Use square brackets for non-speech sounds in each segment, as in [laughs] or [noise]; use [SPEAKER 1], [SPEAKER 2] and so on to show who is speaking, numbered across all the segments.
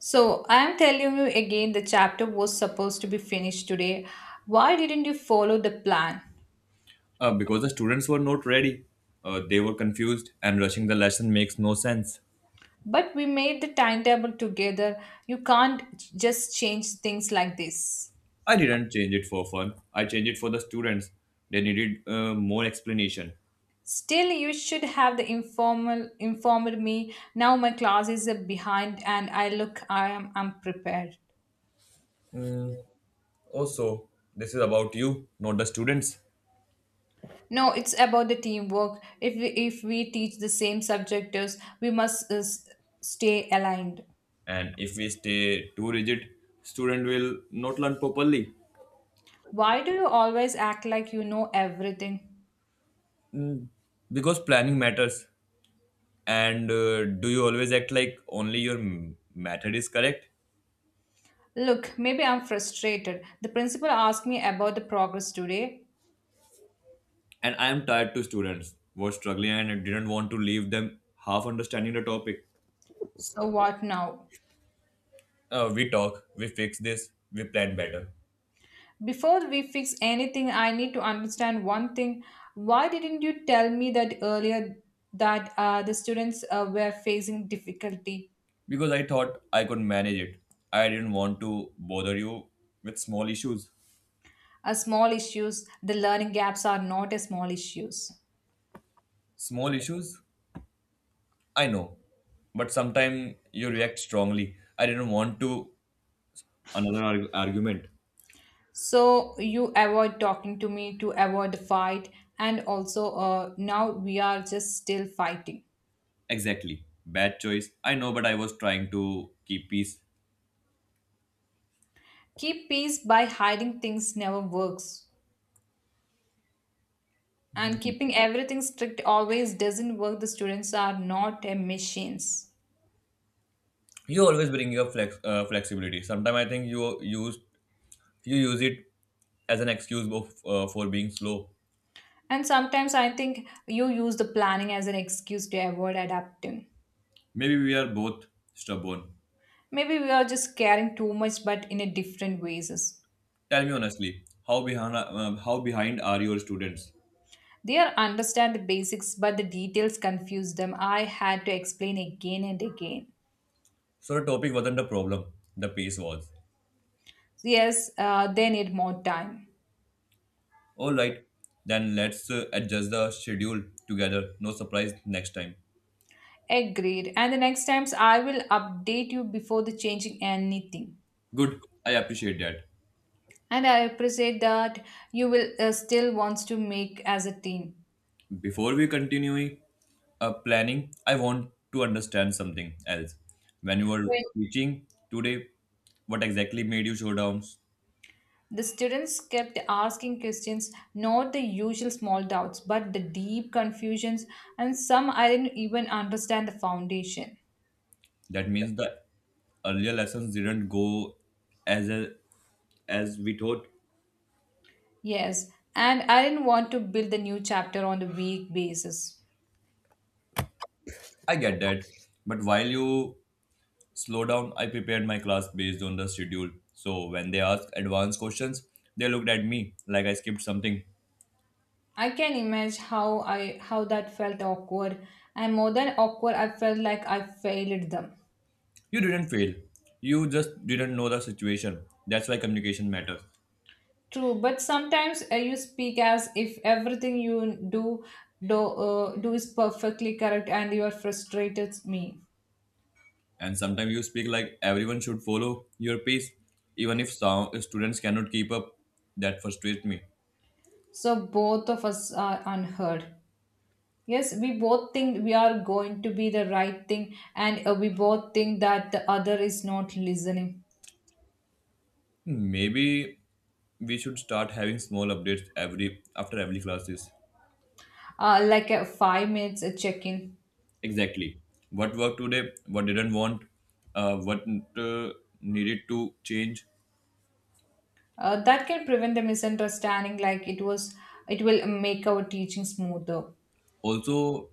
[SPEAKER 1] So I'm telling you again, the chapter was supposed to be finished today. Why didn't you follow the plan?
[SPEAKER 2] Because the students were not ready. They were confused, and rushing the lesson makes no sense.
[SPEAKER 1] But we made the timetable together. You can't just change things like this.
[SPEAKER 2] I didn't change it for fun, I changed it for the students. They needed more explanation.
[SPEAKER 1] Still, you should have the informal informed me. Now my classes are behind, and I look I am unprepared.
[SPEAKER 2] Also, this is about you, not the students.
[SPEAKER 1] No, it's about the teamwork. If we teach the same subjects, we must stay aligned.
[SPEAKER 2] And if we stay too rigid, student will not learn properly.
[SPEAKER 1] Why do you always act like you know everything?
[SPEAKER 2] Because planning matters. And do you always act like only method is correct?
[SPEAKER 1] Look, maybe I'm frustrated. The principal asked me about the progress today.
[SPEAKER 2] And I am tired to students were struggling and didn't want to leave them half understanding the topic.
[SPEAKER 1] So what now?
[SPEAKER 2] We talk, we fix this, we plan better.
[SPEAKER 1] Before we fix anything, I need to understand one thing. Why didn't you tell me that earlier that the students were facing difficulty?
[SPEAKER 2] Because I thought I could manage it. I didn't want to bother you with small issues.
[SPEAKER 1] Small issues, the learning gaps are not a small issues.
[SPEAKER 2] Small issues? I know. But sometimes you react strongly. I didn't want to. Another argument.
[SPEAKER 1] So you avoid talking to me to avoid the fight, and also now we are just still fighting.
[SPEAKER 2] Exactly. Bad choice. I know, but I was trying to keep peace.
[SPEAKER 1] Keep peace by hiding things never works. And keeping everything strict always doesn't work. The students are not a machines.
[SPEAKER 2] You always bring your flexibility. Sometimes I think you use it as an excuse for being slow.
[SPEAKER 1] And sometimes I think you use the planning as an excuse to avoid adapting.
[SPEAKER 2] Maybe we are both stubborn.
[SPEAKER 1] Maybe we are just caring too much, but in a different ways.
[SPEAKER 2] Tell me honestly, how behind are your students?
[SPEAKER 1] They are understand the basics, but the details confuse them. I had to explain again and again.
[SPEAKER 2] So the topic wasn't the problem, the pace was.
[SPEAKER 1] Yes, they need more time.
[SPEAKER 2] All right, then let's adjust the schedule together. No surprise next time.
[SPEAKER 1] Agreed. And the next times I will update you before the changing anything.
[SPEAKER 2] Good, I appreciate that.
[SPEAKER 1] And I appreciate that you will still wants to make as a team.
[SPEAKER 2] Before we continue planning, I want to understand something else. When you were
[SPEAKER 1] When
[SPEAKER 2] teaching today, what exactly made you show downs?
[SPEAKER 1] the students kept asking questions, not the usual small doubts, but the deep confusions, and some I didn't even understand the foundation.
[SPEAKER 2] That means the earlier lessons didn't go as a, as we thought.
[SPEAKER 1] Yes, and I didn't want to build the new chapter on the weak basis.
[SPEAKER 2] I get that. But while you slow down, I prepared my class based on the schedule. So when they asked advanced questions, they looked at me like I skipped something.
[SPEAKER 1] I can imagine how that felt awkward, and more than awkward, I felt like I failed them.
[SPEAKER 2] You didn't fail. You just didn't know the situation. That's why communication matters.
[SPEAKER 1] True, but sometimes you speak as if everything you do is perfectly correct, and you are frustrated me.
[SPEAKER 2] And sometimes you speak like everyone should follow your pace, even if some students cannot keep up. That frustrates me.
[SPEAKER 1] So both of us are unheard. Yes, we both think we are going to be the right thing, and we both think that the other is not listening.
[SPEAKER 2] Maybe we should start having small updates every after every classes.
[SPEAKER 1] Like a 5 minutes a check-in,
[SPEAKER 2] Exactly. What worked today, what didn't want, what uh, needed to change.
[SPEAKER 1] that can prevent the misunderstanding. It will make our teaching smoother.
[SPEAKER 2] Also,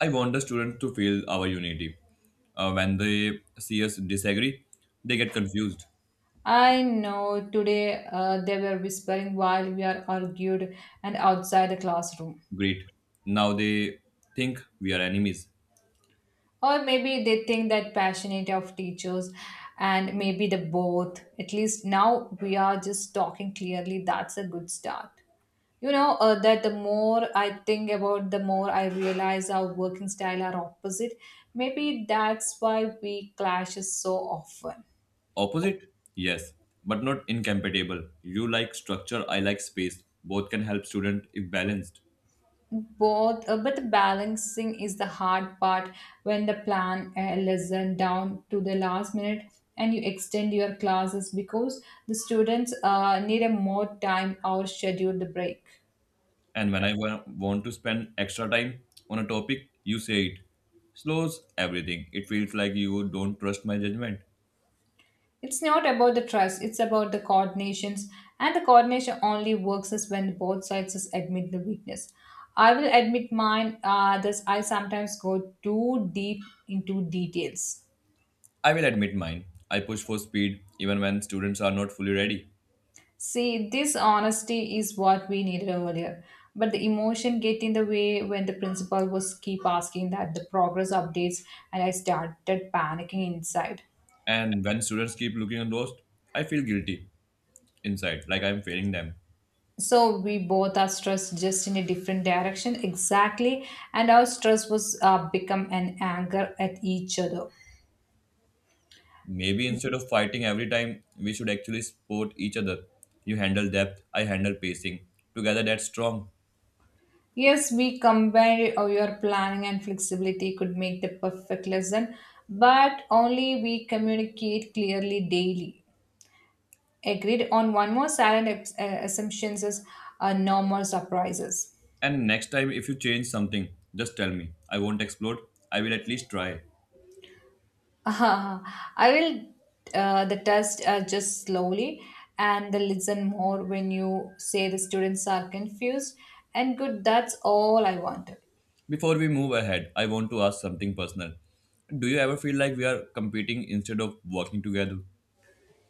[SPEAKER 2] I want the students to feel our unity. When they see us disagree, they get confused.
[SPEAKER 1] I know today they were whispering while we are argued and outside the classroom.
[SPEAKER 2] Great. Now they think we are enemies.
[SPEAKER 1] Or maybe they think that passionate of teachers and maybe the both. At least now we are just talking clearly. That's a good start. You know that the more I think about, the more I realize our working style are opposite. Maybe that's why we clashes so often.
[SPEAKER 2] Opposite? Yes, but not incompatible. You like structure, I like space. Both can help student if balanced.
[SPEAKER 1] Both but the balancing is the hard part when the plan lesson down to the last minute and you extend your classes because the students need a more time or schedule the break.
[SPEAKER 2] And when want to spend extra time on a topic, you say it. Slows everything. It feels like you don't trust my judgment.
[SPEAKER 1] It's not about the trust, it's about the coordinations, and the coordination only works is when both sides is admit the weakness. I will admit mine, this I sometimes go too deep into details.
[SPEAKER 2] I will admit mine. I push for speed even when students are not fully ready.
[SPEAKER 1] See, this honesty is what we needed earlier. But the emotion get in the way when the principal was keep asking that the progress updates and I started panicking inside.
[SPEAKER 2] And when students keep looking lost, I feel guilty inside, like I'm failing them.
[SPEAKER 1] So we both are stressed just in a different direction, exactly, and our stress was become an anger at each other.
[SPEAKER 2] Maybe instead of fighting every time, we should actually support each other. You handle depth, I handle pacing. Together, that's strong.
[SPEAKER 1] Yes, we combined your planning and flexibility could make the perfect lesson, but only we communicate clearly daily. Agreed on one more silent assumptions is, no more surprises.
[SPEAKER 2] And next time, if you change something, just tell me. I won't explode. I will at least try.
[SPEAKER 1] [laughs] I will the test just slowly and the listen more when you say the students are confused, and good, that's all I wanted.
[SPEAKER 2] Before we move ahead, I want to ask something personal. Do you ever feel like we are competing instead of working together?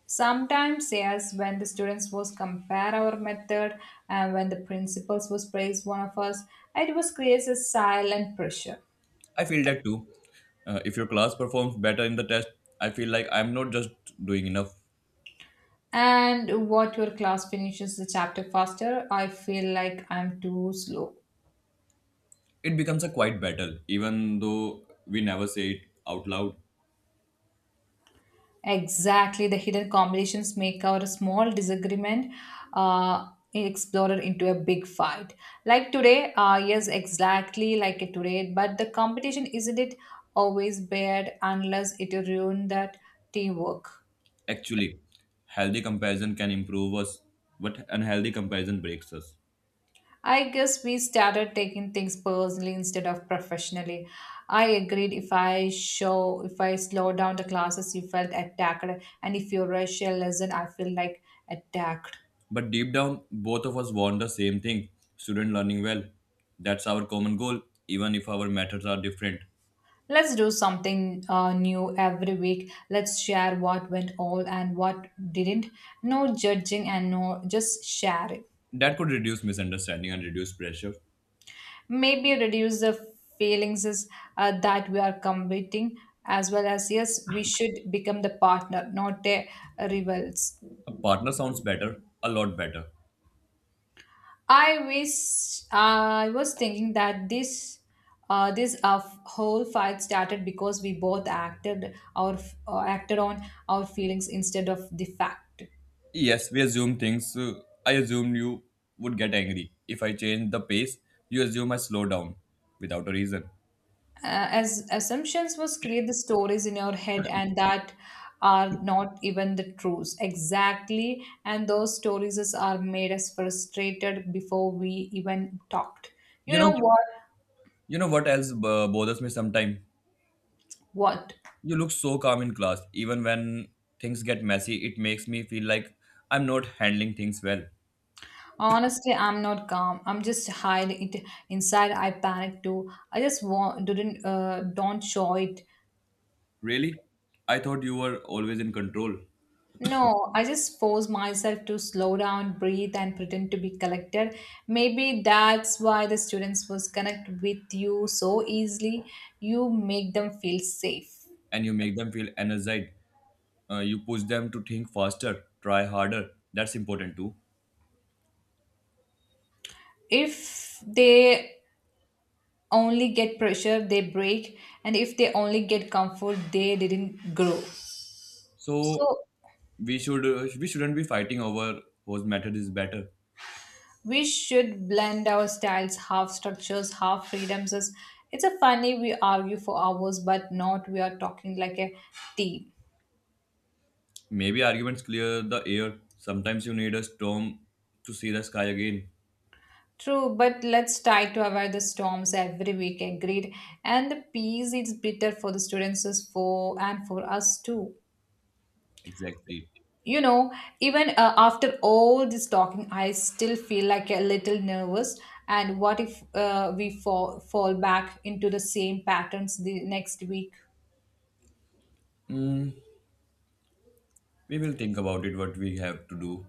[SPEAKER 1] Sometimes yes, when the students was compare our method and when the principals was praise one of us, it was creates a silent pressure.
[SPEAKER 2] I feel that too. If your class performs better in the test, I feel like I'm not just doing enough.
[SPEAKER 1] And what your class finishes the chapter faster, I feel like I'm too slow.
[SPEAKER 2] It becomes a quiet battle, even though we never say it out loud.
[SPEAKER 1] Exactly, the hidden combinations make our small disagreement uh, explorer into a big fight. Like today, yes, exactly like today, but the competition isn't it always bad unless it ruin that teamwork.
[SPEAKER 2] Actually, healthy comparison can improve us, but unhealthy comparison breaks us.
[SPEAKER 1] I guess we started taking things personally instead of professionally. I agreed, if I slow down the classes, you felt attacked, and if you rush your lesson, I feel like attacked.
[SPEAKER 2] But deep down, both of us want the same thing student learning well. That's our common goal, even if our methods are different.
[SPEAKER 1] Let's do something new every week. Let's share what went all and what didn't. No judging and no just sharing.
[SPEAKER 2] That could reduce misunderstanding and reduce pressure.
[SPEAKER 1] Maybe reduce the feelings is, that we are competing, as well as yes, we should become the partner, not the rivals.
[SPEAKER 2] A partner sounds better, a lot better.
[SPEAKER 1] I wish I was thinking that this whole fight started because we both acted on our feelings instead of the fact.
[SPEAKER 2] Yes, we assume things. I assumed you would get angry if I change the pace. You assume I slow down without a reason.
[SPEAKER 1] As assumptions was create the stories in your head and that are not even the truths, exactly, and those stories are made us frustrated before we even talked. You
[SPEAKER 2] You
[SPEAKER 1] know
[SPEAKER 2] know,
[SPEAKER 1] what?
[SPEAKER 2] you know what else bothers me sometimes.
[SPEAKER 1] What?
[SPEAKER 2] You look so calm in class, even when things get messy. It makes me feel like I'm not handling things well.
[SPEAKER 1] Honestly, I'm not calm. I'm just hide it inside. I panic too. I just want didn't don't show it.
[SPEAKER 2] Really, I thought you were always in control,
[SPEAKER 1] No, I just force myself to slow down, breathe, and pretend to be collected. Maybe that's why the students was connect with you so easily. You make them feel safe.
[SPEAKER 2] and you make them feel energized. You push them to think faster try harder, that's important too.
[SPEAKER 1] If they only get pressure, they break, and if they only get comfort, they didn't grow.
[SPEAKER 2] So
[SPEAKER 1] So
[SPEAKER 2] we shouldn't be fighting over whose method is better.
[SPEAKER 1] we should blend our styles, half structures half freedoms is, it's a funny we argue for hours but not we are talking like a team.
[SPEAKER 2] Maybe arguments clear the air, sometimes you need a storm to see the sky again.
[SPEAKER 1] True, but let's try to avoid the storms every week, agreed, and the peace is bitter for the students is for and for us too.
[SPEAKER 2] Exactly,
[SPEAKER 1] You know, even after all this talking I still feel like a little nervous. And what if we fall back into the same patterns the next week?
[SPEAKER 2] we will think about it what we have to do.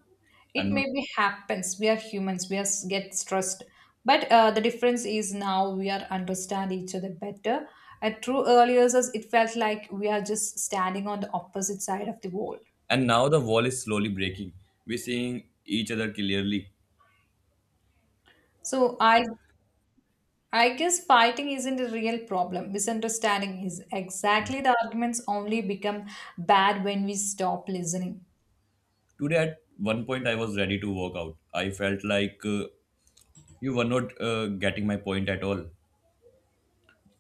[SPEAKER 2] and
[SPEAKER 1] It
[SPEAKER 2] not-
[SPEAKER 1] maybe happens, we are humans, we are get stressed. But the difference is now we are understand each other better at true earlier us, it felt like we are just standing on the opposite side of the wall.
[SPEAKER 2] and now the wall is slowly breaking, we're seeing each other clearly.
[SPEAKER 1] So I guess fighting isn't a real problem, misunderstanding is, exactly, the arguments only become bad when we stop listening.
[SPEAKER 2] Today at one point I was ready to walk out. I felt like you were not getting my point at all.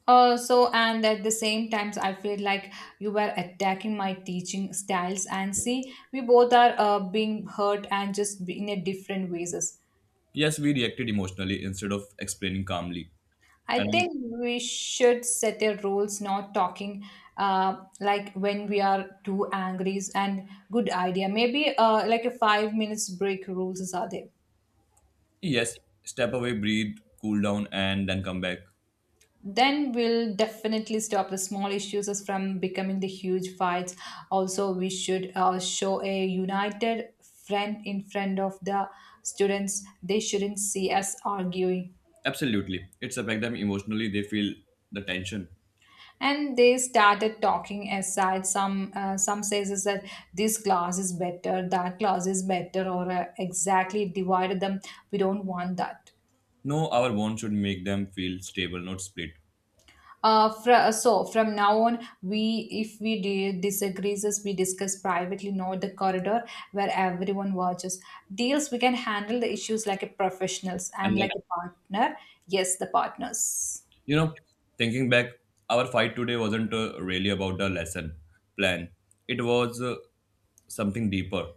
[SPEAKER 1] So, and at the same times, I feel like you were attacking my teaching styles, and see, we both are being hurt and just in a different ways.
[SPEAKER 2] Yes, we reacted emotionally instead of explaining calmly. And
[SPEAKER 1] I
[SPEAKER 2] I-
[SPEAKER 1] think we should set a rules, not talking like when we are too angry, and good idea. Maybe like a 5 minutes break rules are there.
[SPEAKER 2] yes, step away, breathe, cool down, and then come back.
[SPEAKER 1] Then we'll definitely stop the small issues as from becoming the huge fights. Also we should show a united front in front of the students, they shouldn't see us arguing.
[SPEAKER 2] Absolutely. It's affect them emotionally. They feel the tension.
[SPEAKER 1] And they started talking aside, some says is that this class is better, that class is better, or exactly divided them, we don't want that.
[SPEAKER 2] No, our bond should make them feel stable, not split.
[SPEAKER 1] So from now on, we if we disagrees, us, we discuss privately, not the corridor where everyone watches. Deals, we can handle the issues like a professionals
[SPEAKER 2] And
[SPEAKER 1] and like
[SPEAKER 2] like,
[SPEAKER 1] a partner. Yes, the partners.
[SPEAKER 2] you know, thinking back, our fight today wasn't really about the lesson plan. It was something deeper.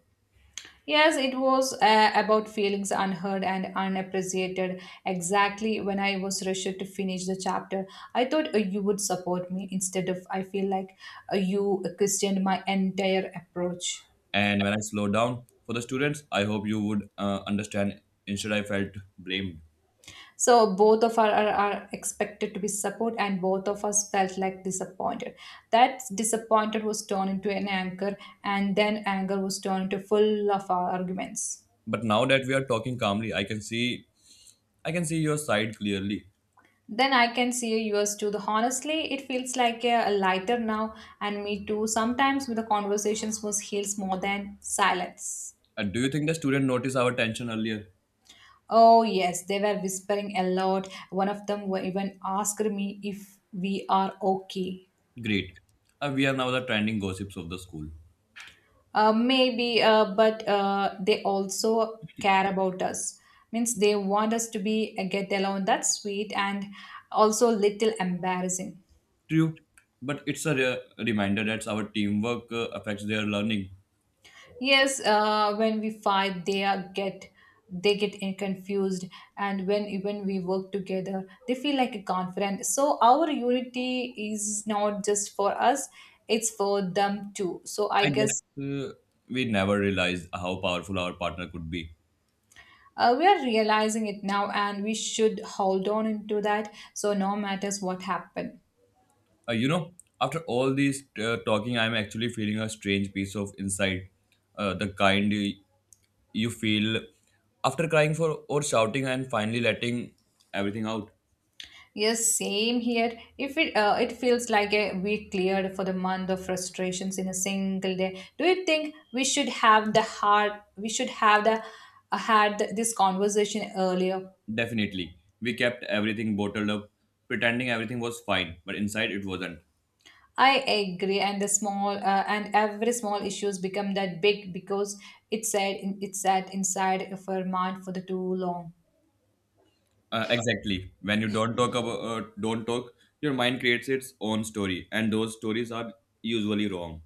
[SPEAKER 1] Yes, it was about feelings unheard and unappreciated. Exactly, when I was rushed to finish the chapter, I thought you would support me. Instead of, I feel like you questioned my entire approach.
[SPEAKER 2] And when I slow down for the students, I hope you would understand. Instead, I felt blamed.
[SPEAKER 1] So both of us are expected to be support, and both of us felt like disappointed. That disappointed was turned into an anger, and then anger was turned into full of our arguments.
[SPEAKER 2] But now that we are talking calmly, I can see your side clearly.
[SPEAKER 1] Then I can see yours too. The honestly, it feels like a lighter now, and me too. Sometimes with the conversations was heals more than silence.
[SPEAKER 2] And do you think the student noticed our tension earlier?
[SPEAKER 1] Oh yes, they were whispering a lot. One of them were even asked me if we are okay.
[SPEAKER 2] Great. We are now the trending gossips of the school.
[SPEAKER 1] Maybe, but they also care about us. Means they want us to be a get along. That's sweet and also little embarrassing.
[SPEAKER 2] True. But it's a reminder that our teamwork affects their learning.
[SPEAKER 1] Yes, when we fight, they get confused, and when even we work together, they feel like confident. So our unity is not just for us; it's for them too. So I
[SPEAKER 2] I guess
[SPEAKER 1] guess
[SPEAKER 2] we never realized how powerful our partner could be.
[SPEAKER 1] We are realizing it now and we should hold on into that so no matters what happen.
[SPEAKER 2] You know, after all these talking, I'm actually feeling a strange piece of insight. The kind you feel after crying for or shouting and finally letting everything out.
[SPEAKER 1] Yes, same here, if it it feels like a, we cleared for the month of frustrations in a single day. Do you think we should have the had this conversation earlier?
[SPEAKER 2] Definitely, we kept everything bottled up pretending everything was fine, but inside it wasn't.
[SPEAKER 1] I agree, and the small and every small issues become that big because it's sat inside of our mind for the too long.
[SPEAKER 2] Exactly, when you don't talk about don't talk your mind creates its own story and those stories are usually wrong.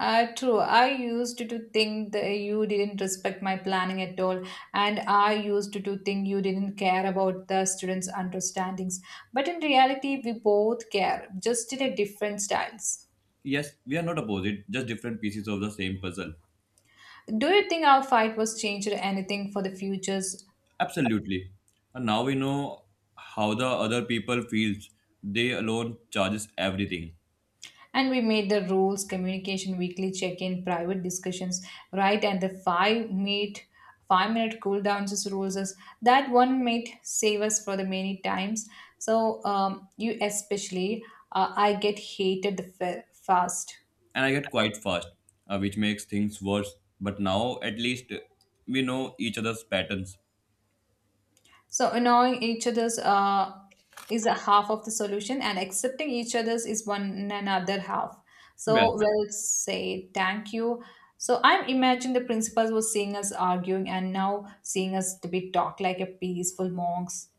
[SPEAKER 1] True. I used to think that you didn't respect my planning at all, and I used to think you didn't care about the students' understandings. But in reality, we both care, just in a different styles.
[SPEAKER 2] Yes, we are not opposite, just different pieces of the same puzzle.
[SPEAKER 1] Do you think our fight was changed anything for the futures
[SPEAKER 2] Absolutely. And now we know how the other people feels, they alone charges everything.
[SPEAKER 1] and we made the rules communication weekly check-in private discussions right and the five meet 5-minute cool downs as rules as that one might save us for the many times so you especially I get fast.
[SPEAKER 2] And I get quite fast, which makes things worse. But now, at least, we know each other's patterns.
[SPEAKER 1] So annoying each other's is a half of the solution, and accepting each other's is one another half.
[SPEAKER 2] Well,
[SPEAKER 1] So
[SPEAKER 2] said.
[SPEAKER 1] we'll say thank you. So I'm imagining the principals was seeing us arguing and now seeing us to be talk like a peaceful monks.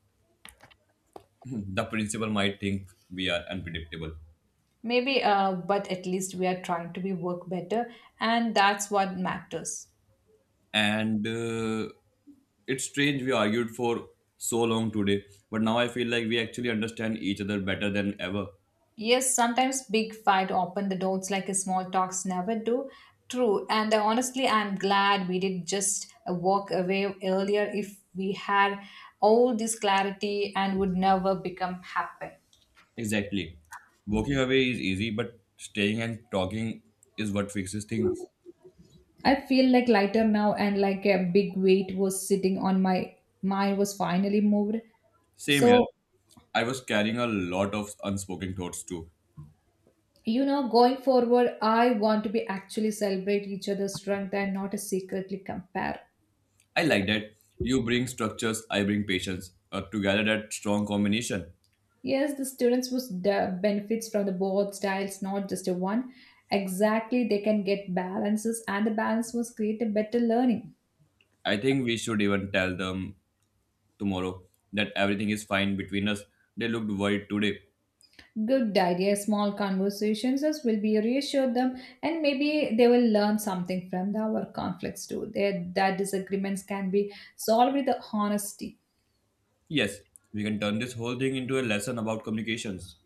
[SPEAKER 2] [laughs] [clears throat] The principal might think we are unpredictable.
[SPEAKER 1] Maybe, but at least we are trying to be work better, and that's what matters.
[SPEAKER 2] And it's strange we argued for so long today, but now I feel like we actually understand each other better than ever.
[SPEAKER 1] Yes, sometimes big fight open the doors like a small talks never do. True, and honestly, I'm glad we did just walk away earlier. If we had all this clarity, and would never become happen.
[SPEAKER 2] Exactly. Walking away is easy, but staying and talking is what fixes things.
[SPEAKER 1] I feel like lighter now, and like a big weight was sitting on my mind was finally moved.
[SPEAKER 2] Same here.
[SPEAKER 1] So
[SPEAKER 2] I was carrying a lot of unspoken thoughts too.
[SPEAKER 1] you know, going forward, I want to be actually celebrate each other's strength and not secretly compare.
[SPEAKER 2] I like that. You bring structures, I bring patience. Together, that strong combination.
[SPEAKER 1] Yes, the students would benefits from the both styles, not just a one. Exactly, they can get balances, and the balance was create a better learning.
[SPEAKER 2] I think we should even tell them tomorrow that everything is fine between us. They looked worried today.
[SPEAKER 1] Good idea. Small conversations as will be reassure them, and maybe they will learn something from our conflicts too. Their that disagreements can be solved with the honesty.
[SPEAKER 2] Yes, we can turn this whole thing into a lesson about communications.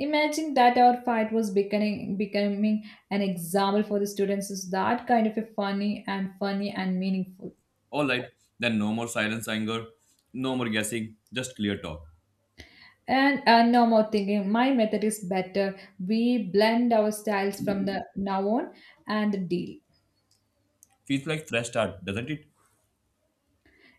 [SPEAKER 1] Imagine that our fight was becoming an example for the students is that kind of a funny and funny and meaningful.
[SPEAKER 2] Alright, then no more silence, anger, no more guessing, just clear talk.
[SPEAKER 1] And no more thinking. My method is better. We blend our styles from the now on and deal.
[SPEAKER 2] Feels like fresh start, doesn't it?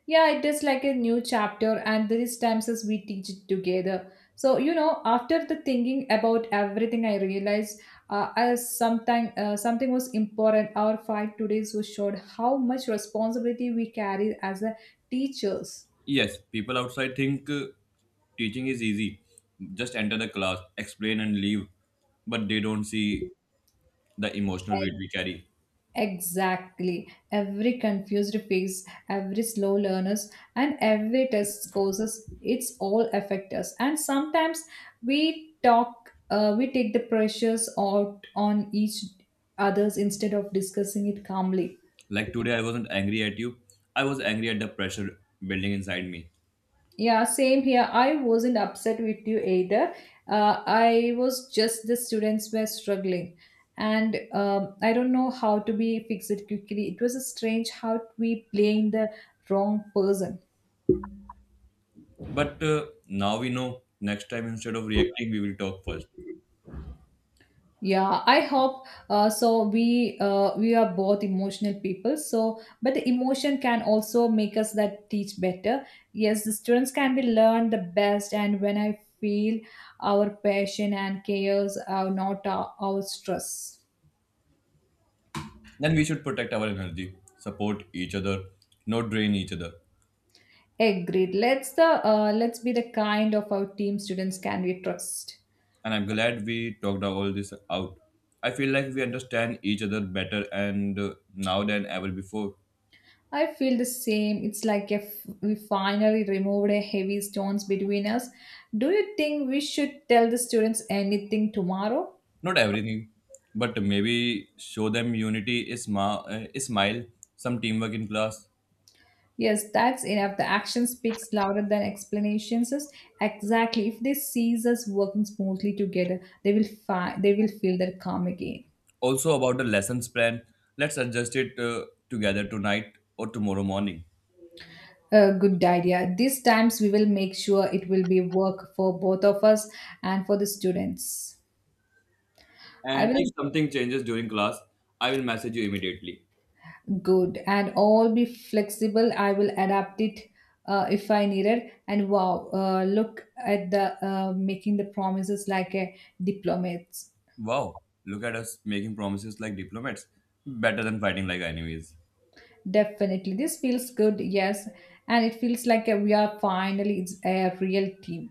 [SPEAKER 1] Yeah, it is like a new chapter, and these times as we teach it together. So you know, after the thinking about everything, I realized as sometime something was important. Our fight today so showed how much responsibility we carry as a teachers.
[SPEAKER 2] Yes, people outside think teaching is easy. Just enter the class, explain and leave. But they don't see the emotional weight
[SPEAKER 1] Like,
[SPEAKER 2] we carry.
[SPEAKER 1] exactly. Every confused phase, every slow learners, and every test causes it's all affect us. And sometimes we talk, we take the pressures out on each others instead of discussing it calmly.
[SPEAKER 2] Like today, I wasn't angry at you. I was angry at the pressure building inside me.
[SPEAKER 1] Yeah, same here. I wasn't upset with you either. I was just the students were struggling, and I don't know how to be fixed quickly. It was a strange how we blame the wrong person.
[SPEAKER 2] But now we know next time, instead of reacting, we will talk first.
[SPEAKER 1] Yeah, I hope so. We are both emotional people, so but the emotion can also make us that teach better. Yes, the students can be learn the best, and when I feel our passion and cares are not our stress.
[SPEAKER 2] Then we should protect our energy, support each other, not drain each other.
[SPEAKER 1] Agreed. Let's be the kind of our team students can we trust.
[SPEAKER 2] And I'm glad we talked all this out. I feel like we understand each other better and now than ever before.
[SPEAKER 1] I feel the same. It's like if we finally removed a heavy stones between us. Do you think we should tell the students anything tomorrow?
[SPEAKER 2] Not everything, but maybe show them unity, a smile, some teamwork in class.
[SPEAKER 1] Yes, that's enough. The action speaks louder than explanations. Exactly. If they sees us working smoothly together, they will feel their calm again.
[SPEAKER 2] Also, about the lessons plan, let's adjust it together tonight or tomorrow morning.
[SPEAKER 1] A good idea. These times we will make sure it will be work for both of us and for the students. I
[SPEAKER 2] And if
[SPEAKER 1] will
[SPEAKER 2] something changes during class, I will message you immediately.
[SPEAKER 1] good and all be flexible I will adapt it if I need it and wow look at the making the promises like a diplomat
[SPEAKER 2] Wow, look at us making promises like diplomats. Better than fighting like enemies.
[SPEAKER 1] definitely this feels good yes and it feels like we are finally it's a real team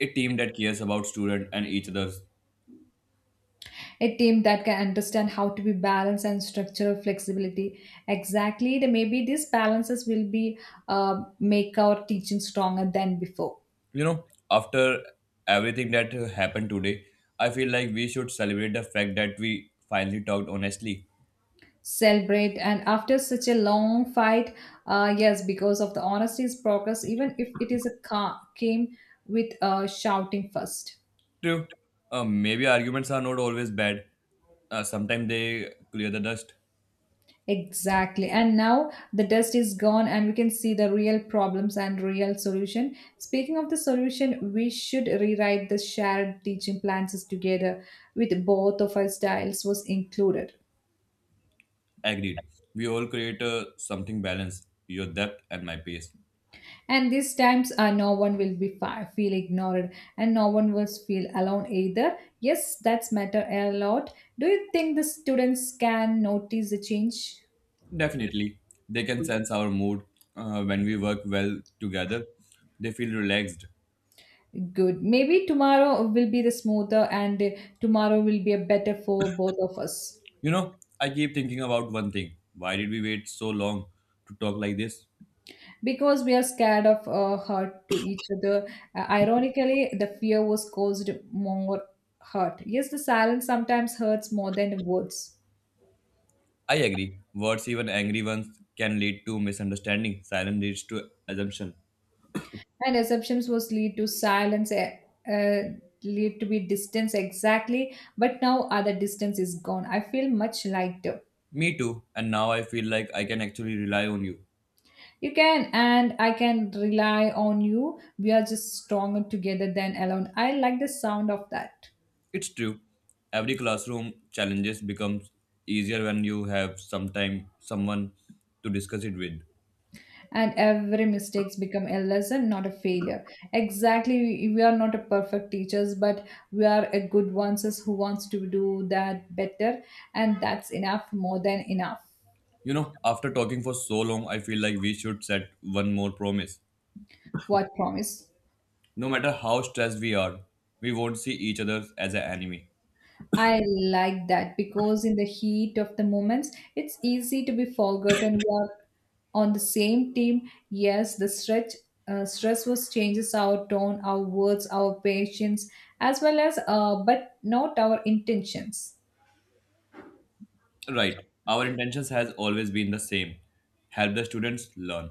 [SPEAKER 2] A team that cares about student and each other's.
[SPEAKER 1] a team that can understand how to be balanced and structural flexibility exactly maybe these balances will be make our teaching stronger than before
[SPEAKER 2] You know, after everything that happened today, I feel like we should celebrate the fact that we finally talked honestly.
[SPEAKER 1] celebrate and after such a long fight yes because of the honesty's progress even if it is came with shouting first
[SPEAKER 2] True, maybe arguments are not always bad. Sometimes they clear the dust.
[SPEAKER 1] exactly and now the dust is gone and we can see the real problems and real solution speaking of the solution we should rewrite the shared teaching plans together with both of our styles was included.
[SPEAKER 2] Agreed. We all create something balanced, your depth and my pace.
[SPEAKER 1] And these times, no one will feel ignored, and no one will feel alone either. Yes, that's matter a lot. Do you think the students can notice the change?
[SPEAKER 2] Definitely. They can sense our mood when we work well together. They feel relaxed.
[SPEAKER 1] Good. Maybe tomorrow will be the smoother, and tomorrow will be a better for both of us
[SPEAKER 2] You know, I keep thinking about one thing. Why did we wait so long to talk like this?
[SPEAKER 1] because we are scared of hurt to each other. Ironically, the fear was caused more hurt. Yes, the silence sometimes hurts more than words.
[SPEAKER 2] I agree. Words, even angry ones, can lead to misunderstanding. Silence leads to assumption.
[SPEAKER 1] And assumptions was lead to silence uh, lead to be distance exactly but now other distance is gone I feel much lighter
[SPEAKER 2] Me too. And now I feel like I can actually rely on you.
[SPEAKER 1] you can and I can rely on you we are just stronger together than alone I like the sound of that
[SPEAKER 2] It's true. Every classroom challenges becomes easier when you have someone to discuss it with.
[SPEAKER 1] and every mistakes become a lesson not a failure exactly we are not a perfect teachers but we are a good ones as who wants to do that better and that's enough more than enough.
[SPEAKER 2] You know, after talking for so long, I feel like we should set one more promise.
[SPEAKER 1] What promise?
[SPEAKER 2] No matter how stressed we are, we won't see each other as an enemy.
[SPEAKER 1] I like that because in the heat of the moments, it's easy to be forgotten. We are on the same team. Yes, the stretch stress was changes our tone, our words, our patience, as well as but not our intentions.
[SPEAKER 2] Right. Our intentions has always been the same. Help the students learn.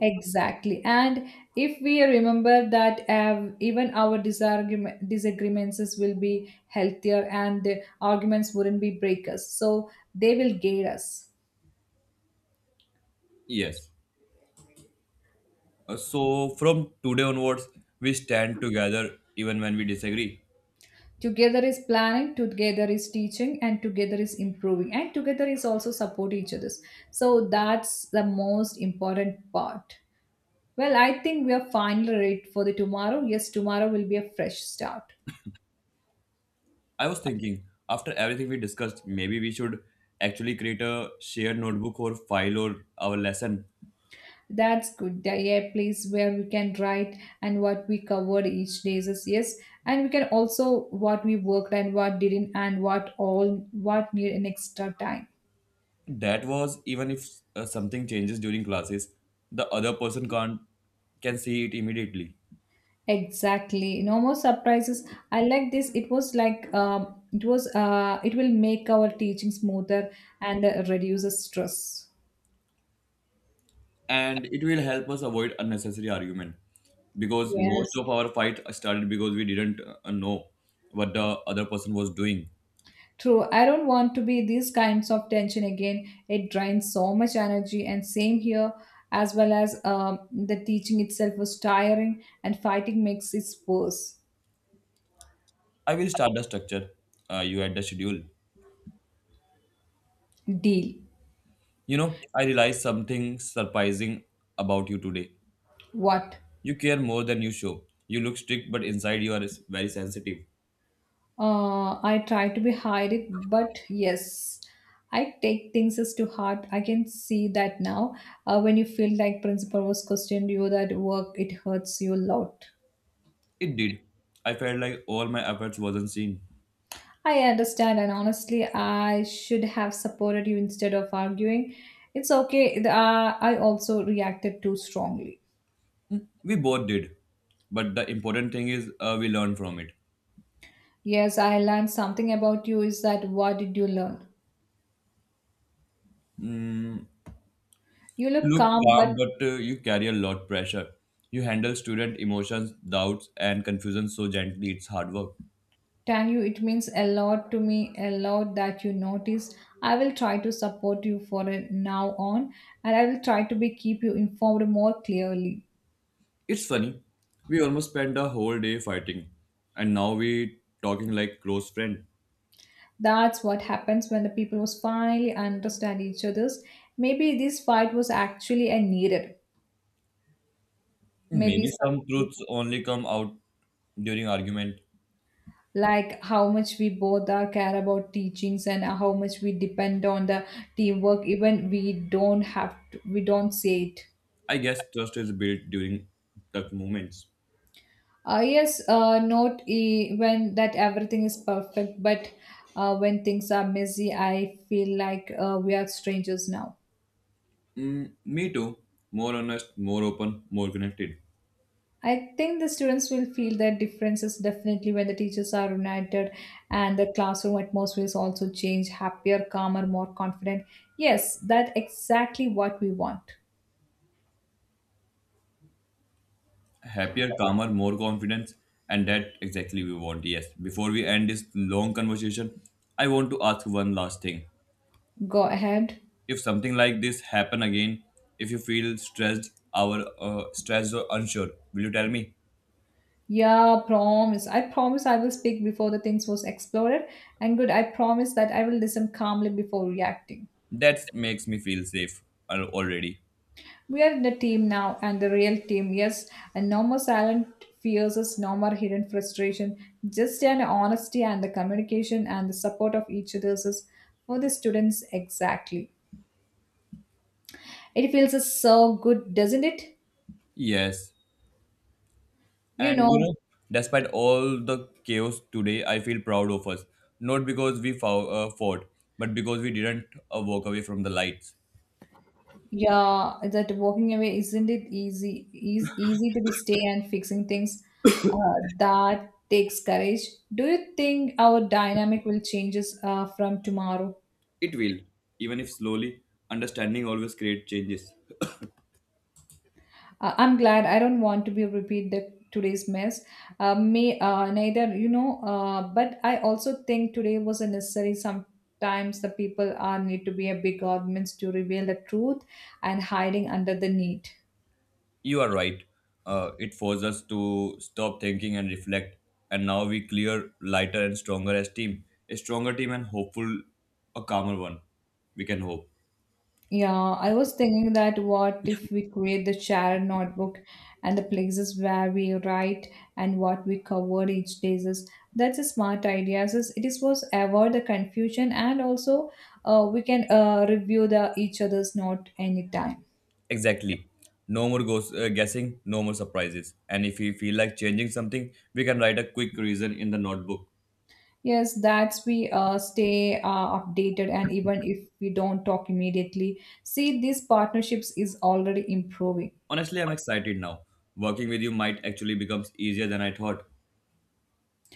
[SPEAKER 1] Exactly. And if we remember that even our disagreements will be healthier and the arguments wouldn't be breakers. So they will guide us.
[SPEAKER 2] Yes. So from today onwards, we stand together even when we disagree.
[SPEAKER 1] Together is planning together is teaching and together is improving and together is also support each other's so that's the most important part well I think we are finally ready for the tomorrow yes tomorrow will be a fresh start
[SPEAKER 2] I was thinking, after everything we discussed, maybe we should actually create a shared notebook or file or our lesson.
[SPEAKER 1] that's good yeah place where we can write and what we covered each day is yes and we can also what we worked and what didn't and what all what need an extra time.
[SPEAKER 2] That was even if something changes during classes, the other person can't can see it immediately,
[SPEAKER 1] Exactly. No more surprises. I like this. It was like it was it will make our teaching smoother and reduces stress.
[SPEAKER 2] and it will help us avoid unnecessary argument. Because most
[SPEAKER 1] Yes,
[SPEAKER 2] of our fight started because we didn't know what the other person was doing.
[SPEAKER 1] true. I don't want to be these kinds of tension again. It drains so much energy, and same here as well as the teaching itself was tiring, and fighting makes it worse.
[SPEAKER 2] I will start the structure. You add the schedule.
[SPEAKER 1] Deal.
[SPEAKER 2] You know, I realized something surprising about you today.
[SPEAKER 1] What?
[SPEAKER 2] You care more than you show. You look strict, but inside very sensitive.
[SPEAKER 1] I try to be hide it, but yes, I take things as to heart. I can see that now. When you feel like principal was questioned you that work, it hurts you a lot.
[SPEAKER 2] It did. I felt like all my efforts wasn't seen.
[SPEAKER 1] I understand, and honestly, I should have supported you instead of arguing. It's okay. I also reacted too strongly.
[SPEAKER 2] We both did. But the important thing is we learn from it.
[SPEAKER 1] Yes, I learned something about you. Is that what did you learn? You
[SPEAKER 2] You
[SPEAKER 1] look
[SPEAKER 2] look
[SPEAKER 1] calm,
[SPEAKER 2] calm,
[SPEAKER 1] but
[SPEAKER 2] but you carry a lot pressure. You handle student emotions, doubts, and confusion so gently. It's hard work.
[SPEAKER 1] tell you, it means a lot to me, a lot that you notice. I will try to support you for a now on, and I will try to be keep you informed more clearly.
[SPEAKER 2] It's funny. We almost spent a whole day fighting, and now we talking like close friend.
[SPEAKER 1] That's what happens when the people was finally understand each other's. Maybe this fight was actually a needed. Maybe
[SPEAKER 2] Maybe some
[SPEAKER 1] some
[SPEAKER 2] truths only come out during argument.
[SPEAKER 1] like how much we both are care about teachings and how much we depend on the teamwork, even we don't have to, we don't say it.
[SPEAKER 2] I guess trust is built during tough moments.
[SPEAKER 1] Yes, not when that everything is perfect, but when things are messy, I feel like we are strangers now.
[SPEAKER 2] Mm, me too. More honest, more open, more connected.
[SPEAKER 1] I think the students will feel that differences definitely when the teachers are united and the classroom atmosphere is also changed, happier, calmer, more confident. Yes, that's exactly what we want.
[SPEAKER 2] Happier, calmer, more confidence. And that exactly we want, yes. Before we end this long conversation, I want to ask one last thing.
[SPEAKER 1] Go ahead.
[SPEAKER 2] If something like this happen again, if you feel stressed, or stressed or unsure, will you tell me?
[SPEAKER 1] Yeah, promise. I promise I will speak before the things was exploded. And good, I promise that I will listen calmly before reacting.
[SPEAKER 2] That makes me feel safe already.
[SPEAKER 1] We are the team now and the real team, yes. And no more silent fears, yes. No more hidden frustration, just an honesty and the communication and the support of each other's is for the students exactly. It feels so good, doesn't it?
[SPEAKER 2] Yes,
[SPEAKER 1] You
[SPEAKER 2] and you
[SPEAKER 1] know,
[SPEAKER 2] know, despite all the chaos today, I feel proud of us. Not because we fought, but because we didn't walk away from the lights.
[SPEAKER 1] yeah, that walking away isn't it easy? Is easy to be stay and fixing things uh, that takes courage. Do you think our dynamic will changes from tomorrow?
[SPEAKER 2] It will, even if slowly, understanding always creates changes.
[SPEAKER 1] I'm glad I don't want to be repeat the today's mess. May neither you know. But I also think today was a necessary. Sometimes the people are need to be a big arguments to reveal the truth and hiding under the need.
[SPEAKER 2] You are right. It forces us to stop thinking and reflect. And now we clear lighter and stronger as team. A stronger team and hopeful, a calmer one. We can hope.
[SPEAKER 1] Yeah, I was thinking that what if we create the shared notebook and the places where we write and what we covered each day is that's a smart idea. Since it is was avoid the confusion and also we can review the each other's note anytime.
[SPEAKER 2] Exactly. No more guessing, no more surprises. And if we feel like changing something, we can write a quick reason in the notebook.
[SPEAKER 1] Yes, that's we stay updated and even if we don't talk immediately, see these partnerships is already improving.
[SPEAKER 2] Honestly, I'm excited now. Working with you might actually becomes easier than I thought.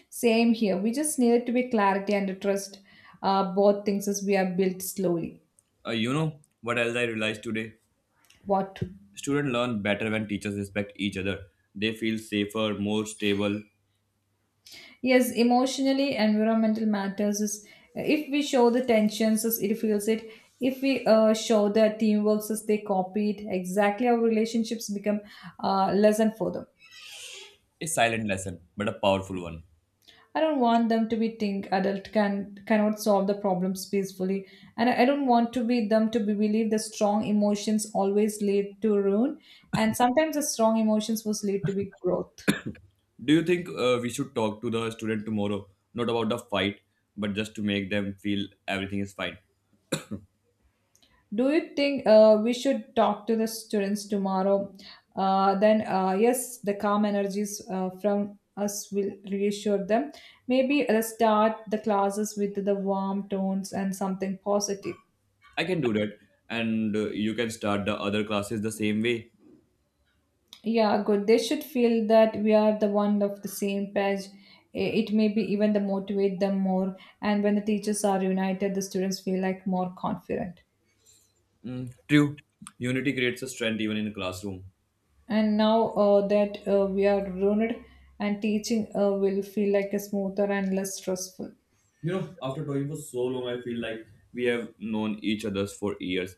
[SPEAKER 1] Same here. We just need to be clarity and trust both things as we are built slowly.
[SPEAKER 2] You know what else I realized today?
[SPEAKER 1] What?
[SPEAKER 2] Students learn better when teachers respect each other. They feel safer, more stable.
[SPEAKER 1] Yes, emotionally, environmental matters is if we show the tensions as it feels it. If we show the teamwork as they copy it, exactly our relationships become lesson for them.
[SPEAKER 2] A silent lesson, but a powerful one.
[SPEAKER 1] I don't want them to be think adult can cannot solve the problems peacefully, and I don't want to be them to be believe the strong emotions always lead to ruin, and sometimes the strong emotions was lead to be growth.
[SPEAKER 2] Do you think we should talk to the student tomorrow? Not about the fight, but just to make them feel everything is fine.
[SPEAKER 1] Do you think we should talk to the students tomorrow? Then yes, the calm energies from us will reassure them. Maybe start the classes with the warm tones and something positive.
[SPEAKER 2] I can do that, and you can start the other classes the same way.
[SPEAKER 1] Yeah, good. They should feel that we are the one of the same page. It may be even the motivate them more. And when the teachers are united, the students feel like more confident.
[SPEAKER 2] Mm, true. Unity creates a strength even in a classroom.
[SPEAKER 1] And now that we are rooted, and teaching will feel like a smoother and less stressful.
[SPEAKER 2] You know, after talking for so long, I feel like we have known each others for years.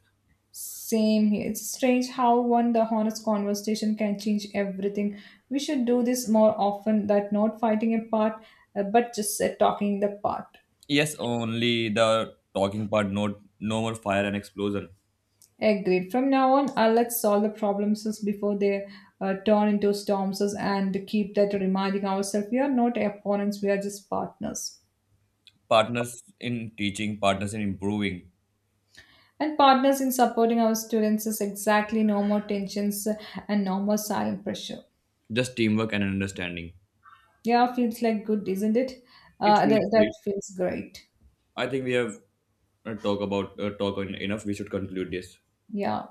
[SPEAKER 1] Same here. It's strange how one the honest conversation can change everything. We should do this more often. That not fighting apart, but just talking the part.
[SPEAKER 2] Yes, only the talking part, no, no more fire and explosion.
[SPEAKER 1] Agreed. From now on, let's solve the problems as before they turn into storms and keep that reminding ourselves we are not opponents, we are just partners.
[SPEAKER 2] Partners in teaching, partners in improving,
[SPEAKER 1] And partners in supporting our students is exactly no more tensions and no more silent pressure.
[SPEAKER 2] just teamwork and understanding.
[SPEAKER 1] Yeah, feels like good, isn't it?
[SPEAKER 2] It feels
[SPEAKER 1] That
[SPEAKER 2] great.
[SPEAKER 1] feels great.
[SPEAKER 2] I think we have talk enough. We should conclude this.
[SPEAKER 1] Yeah.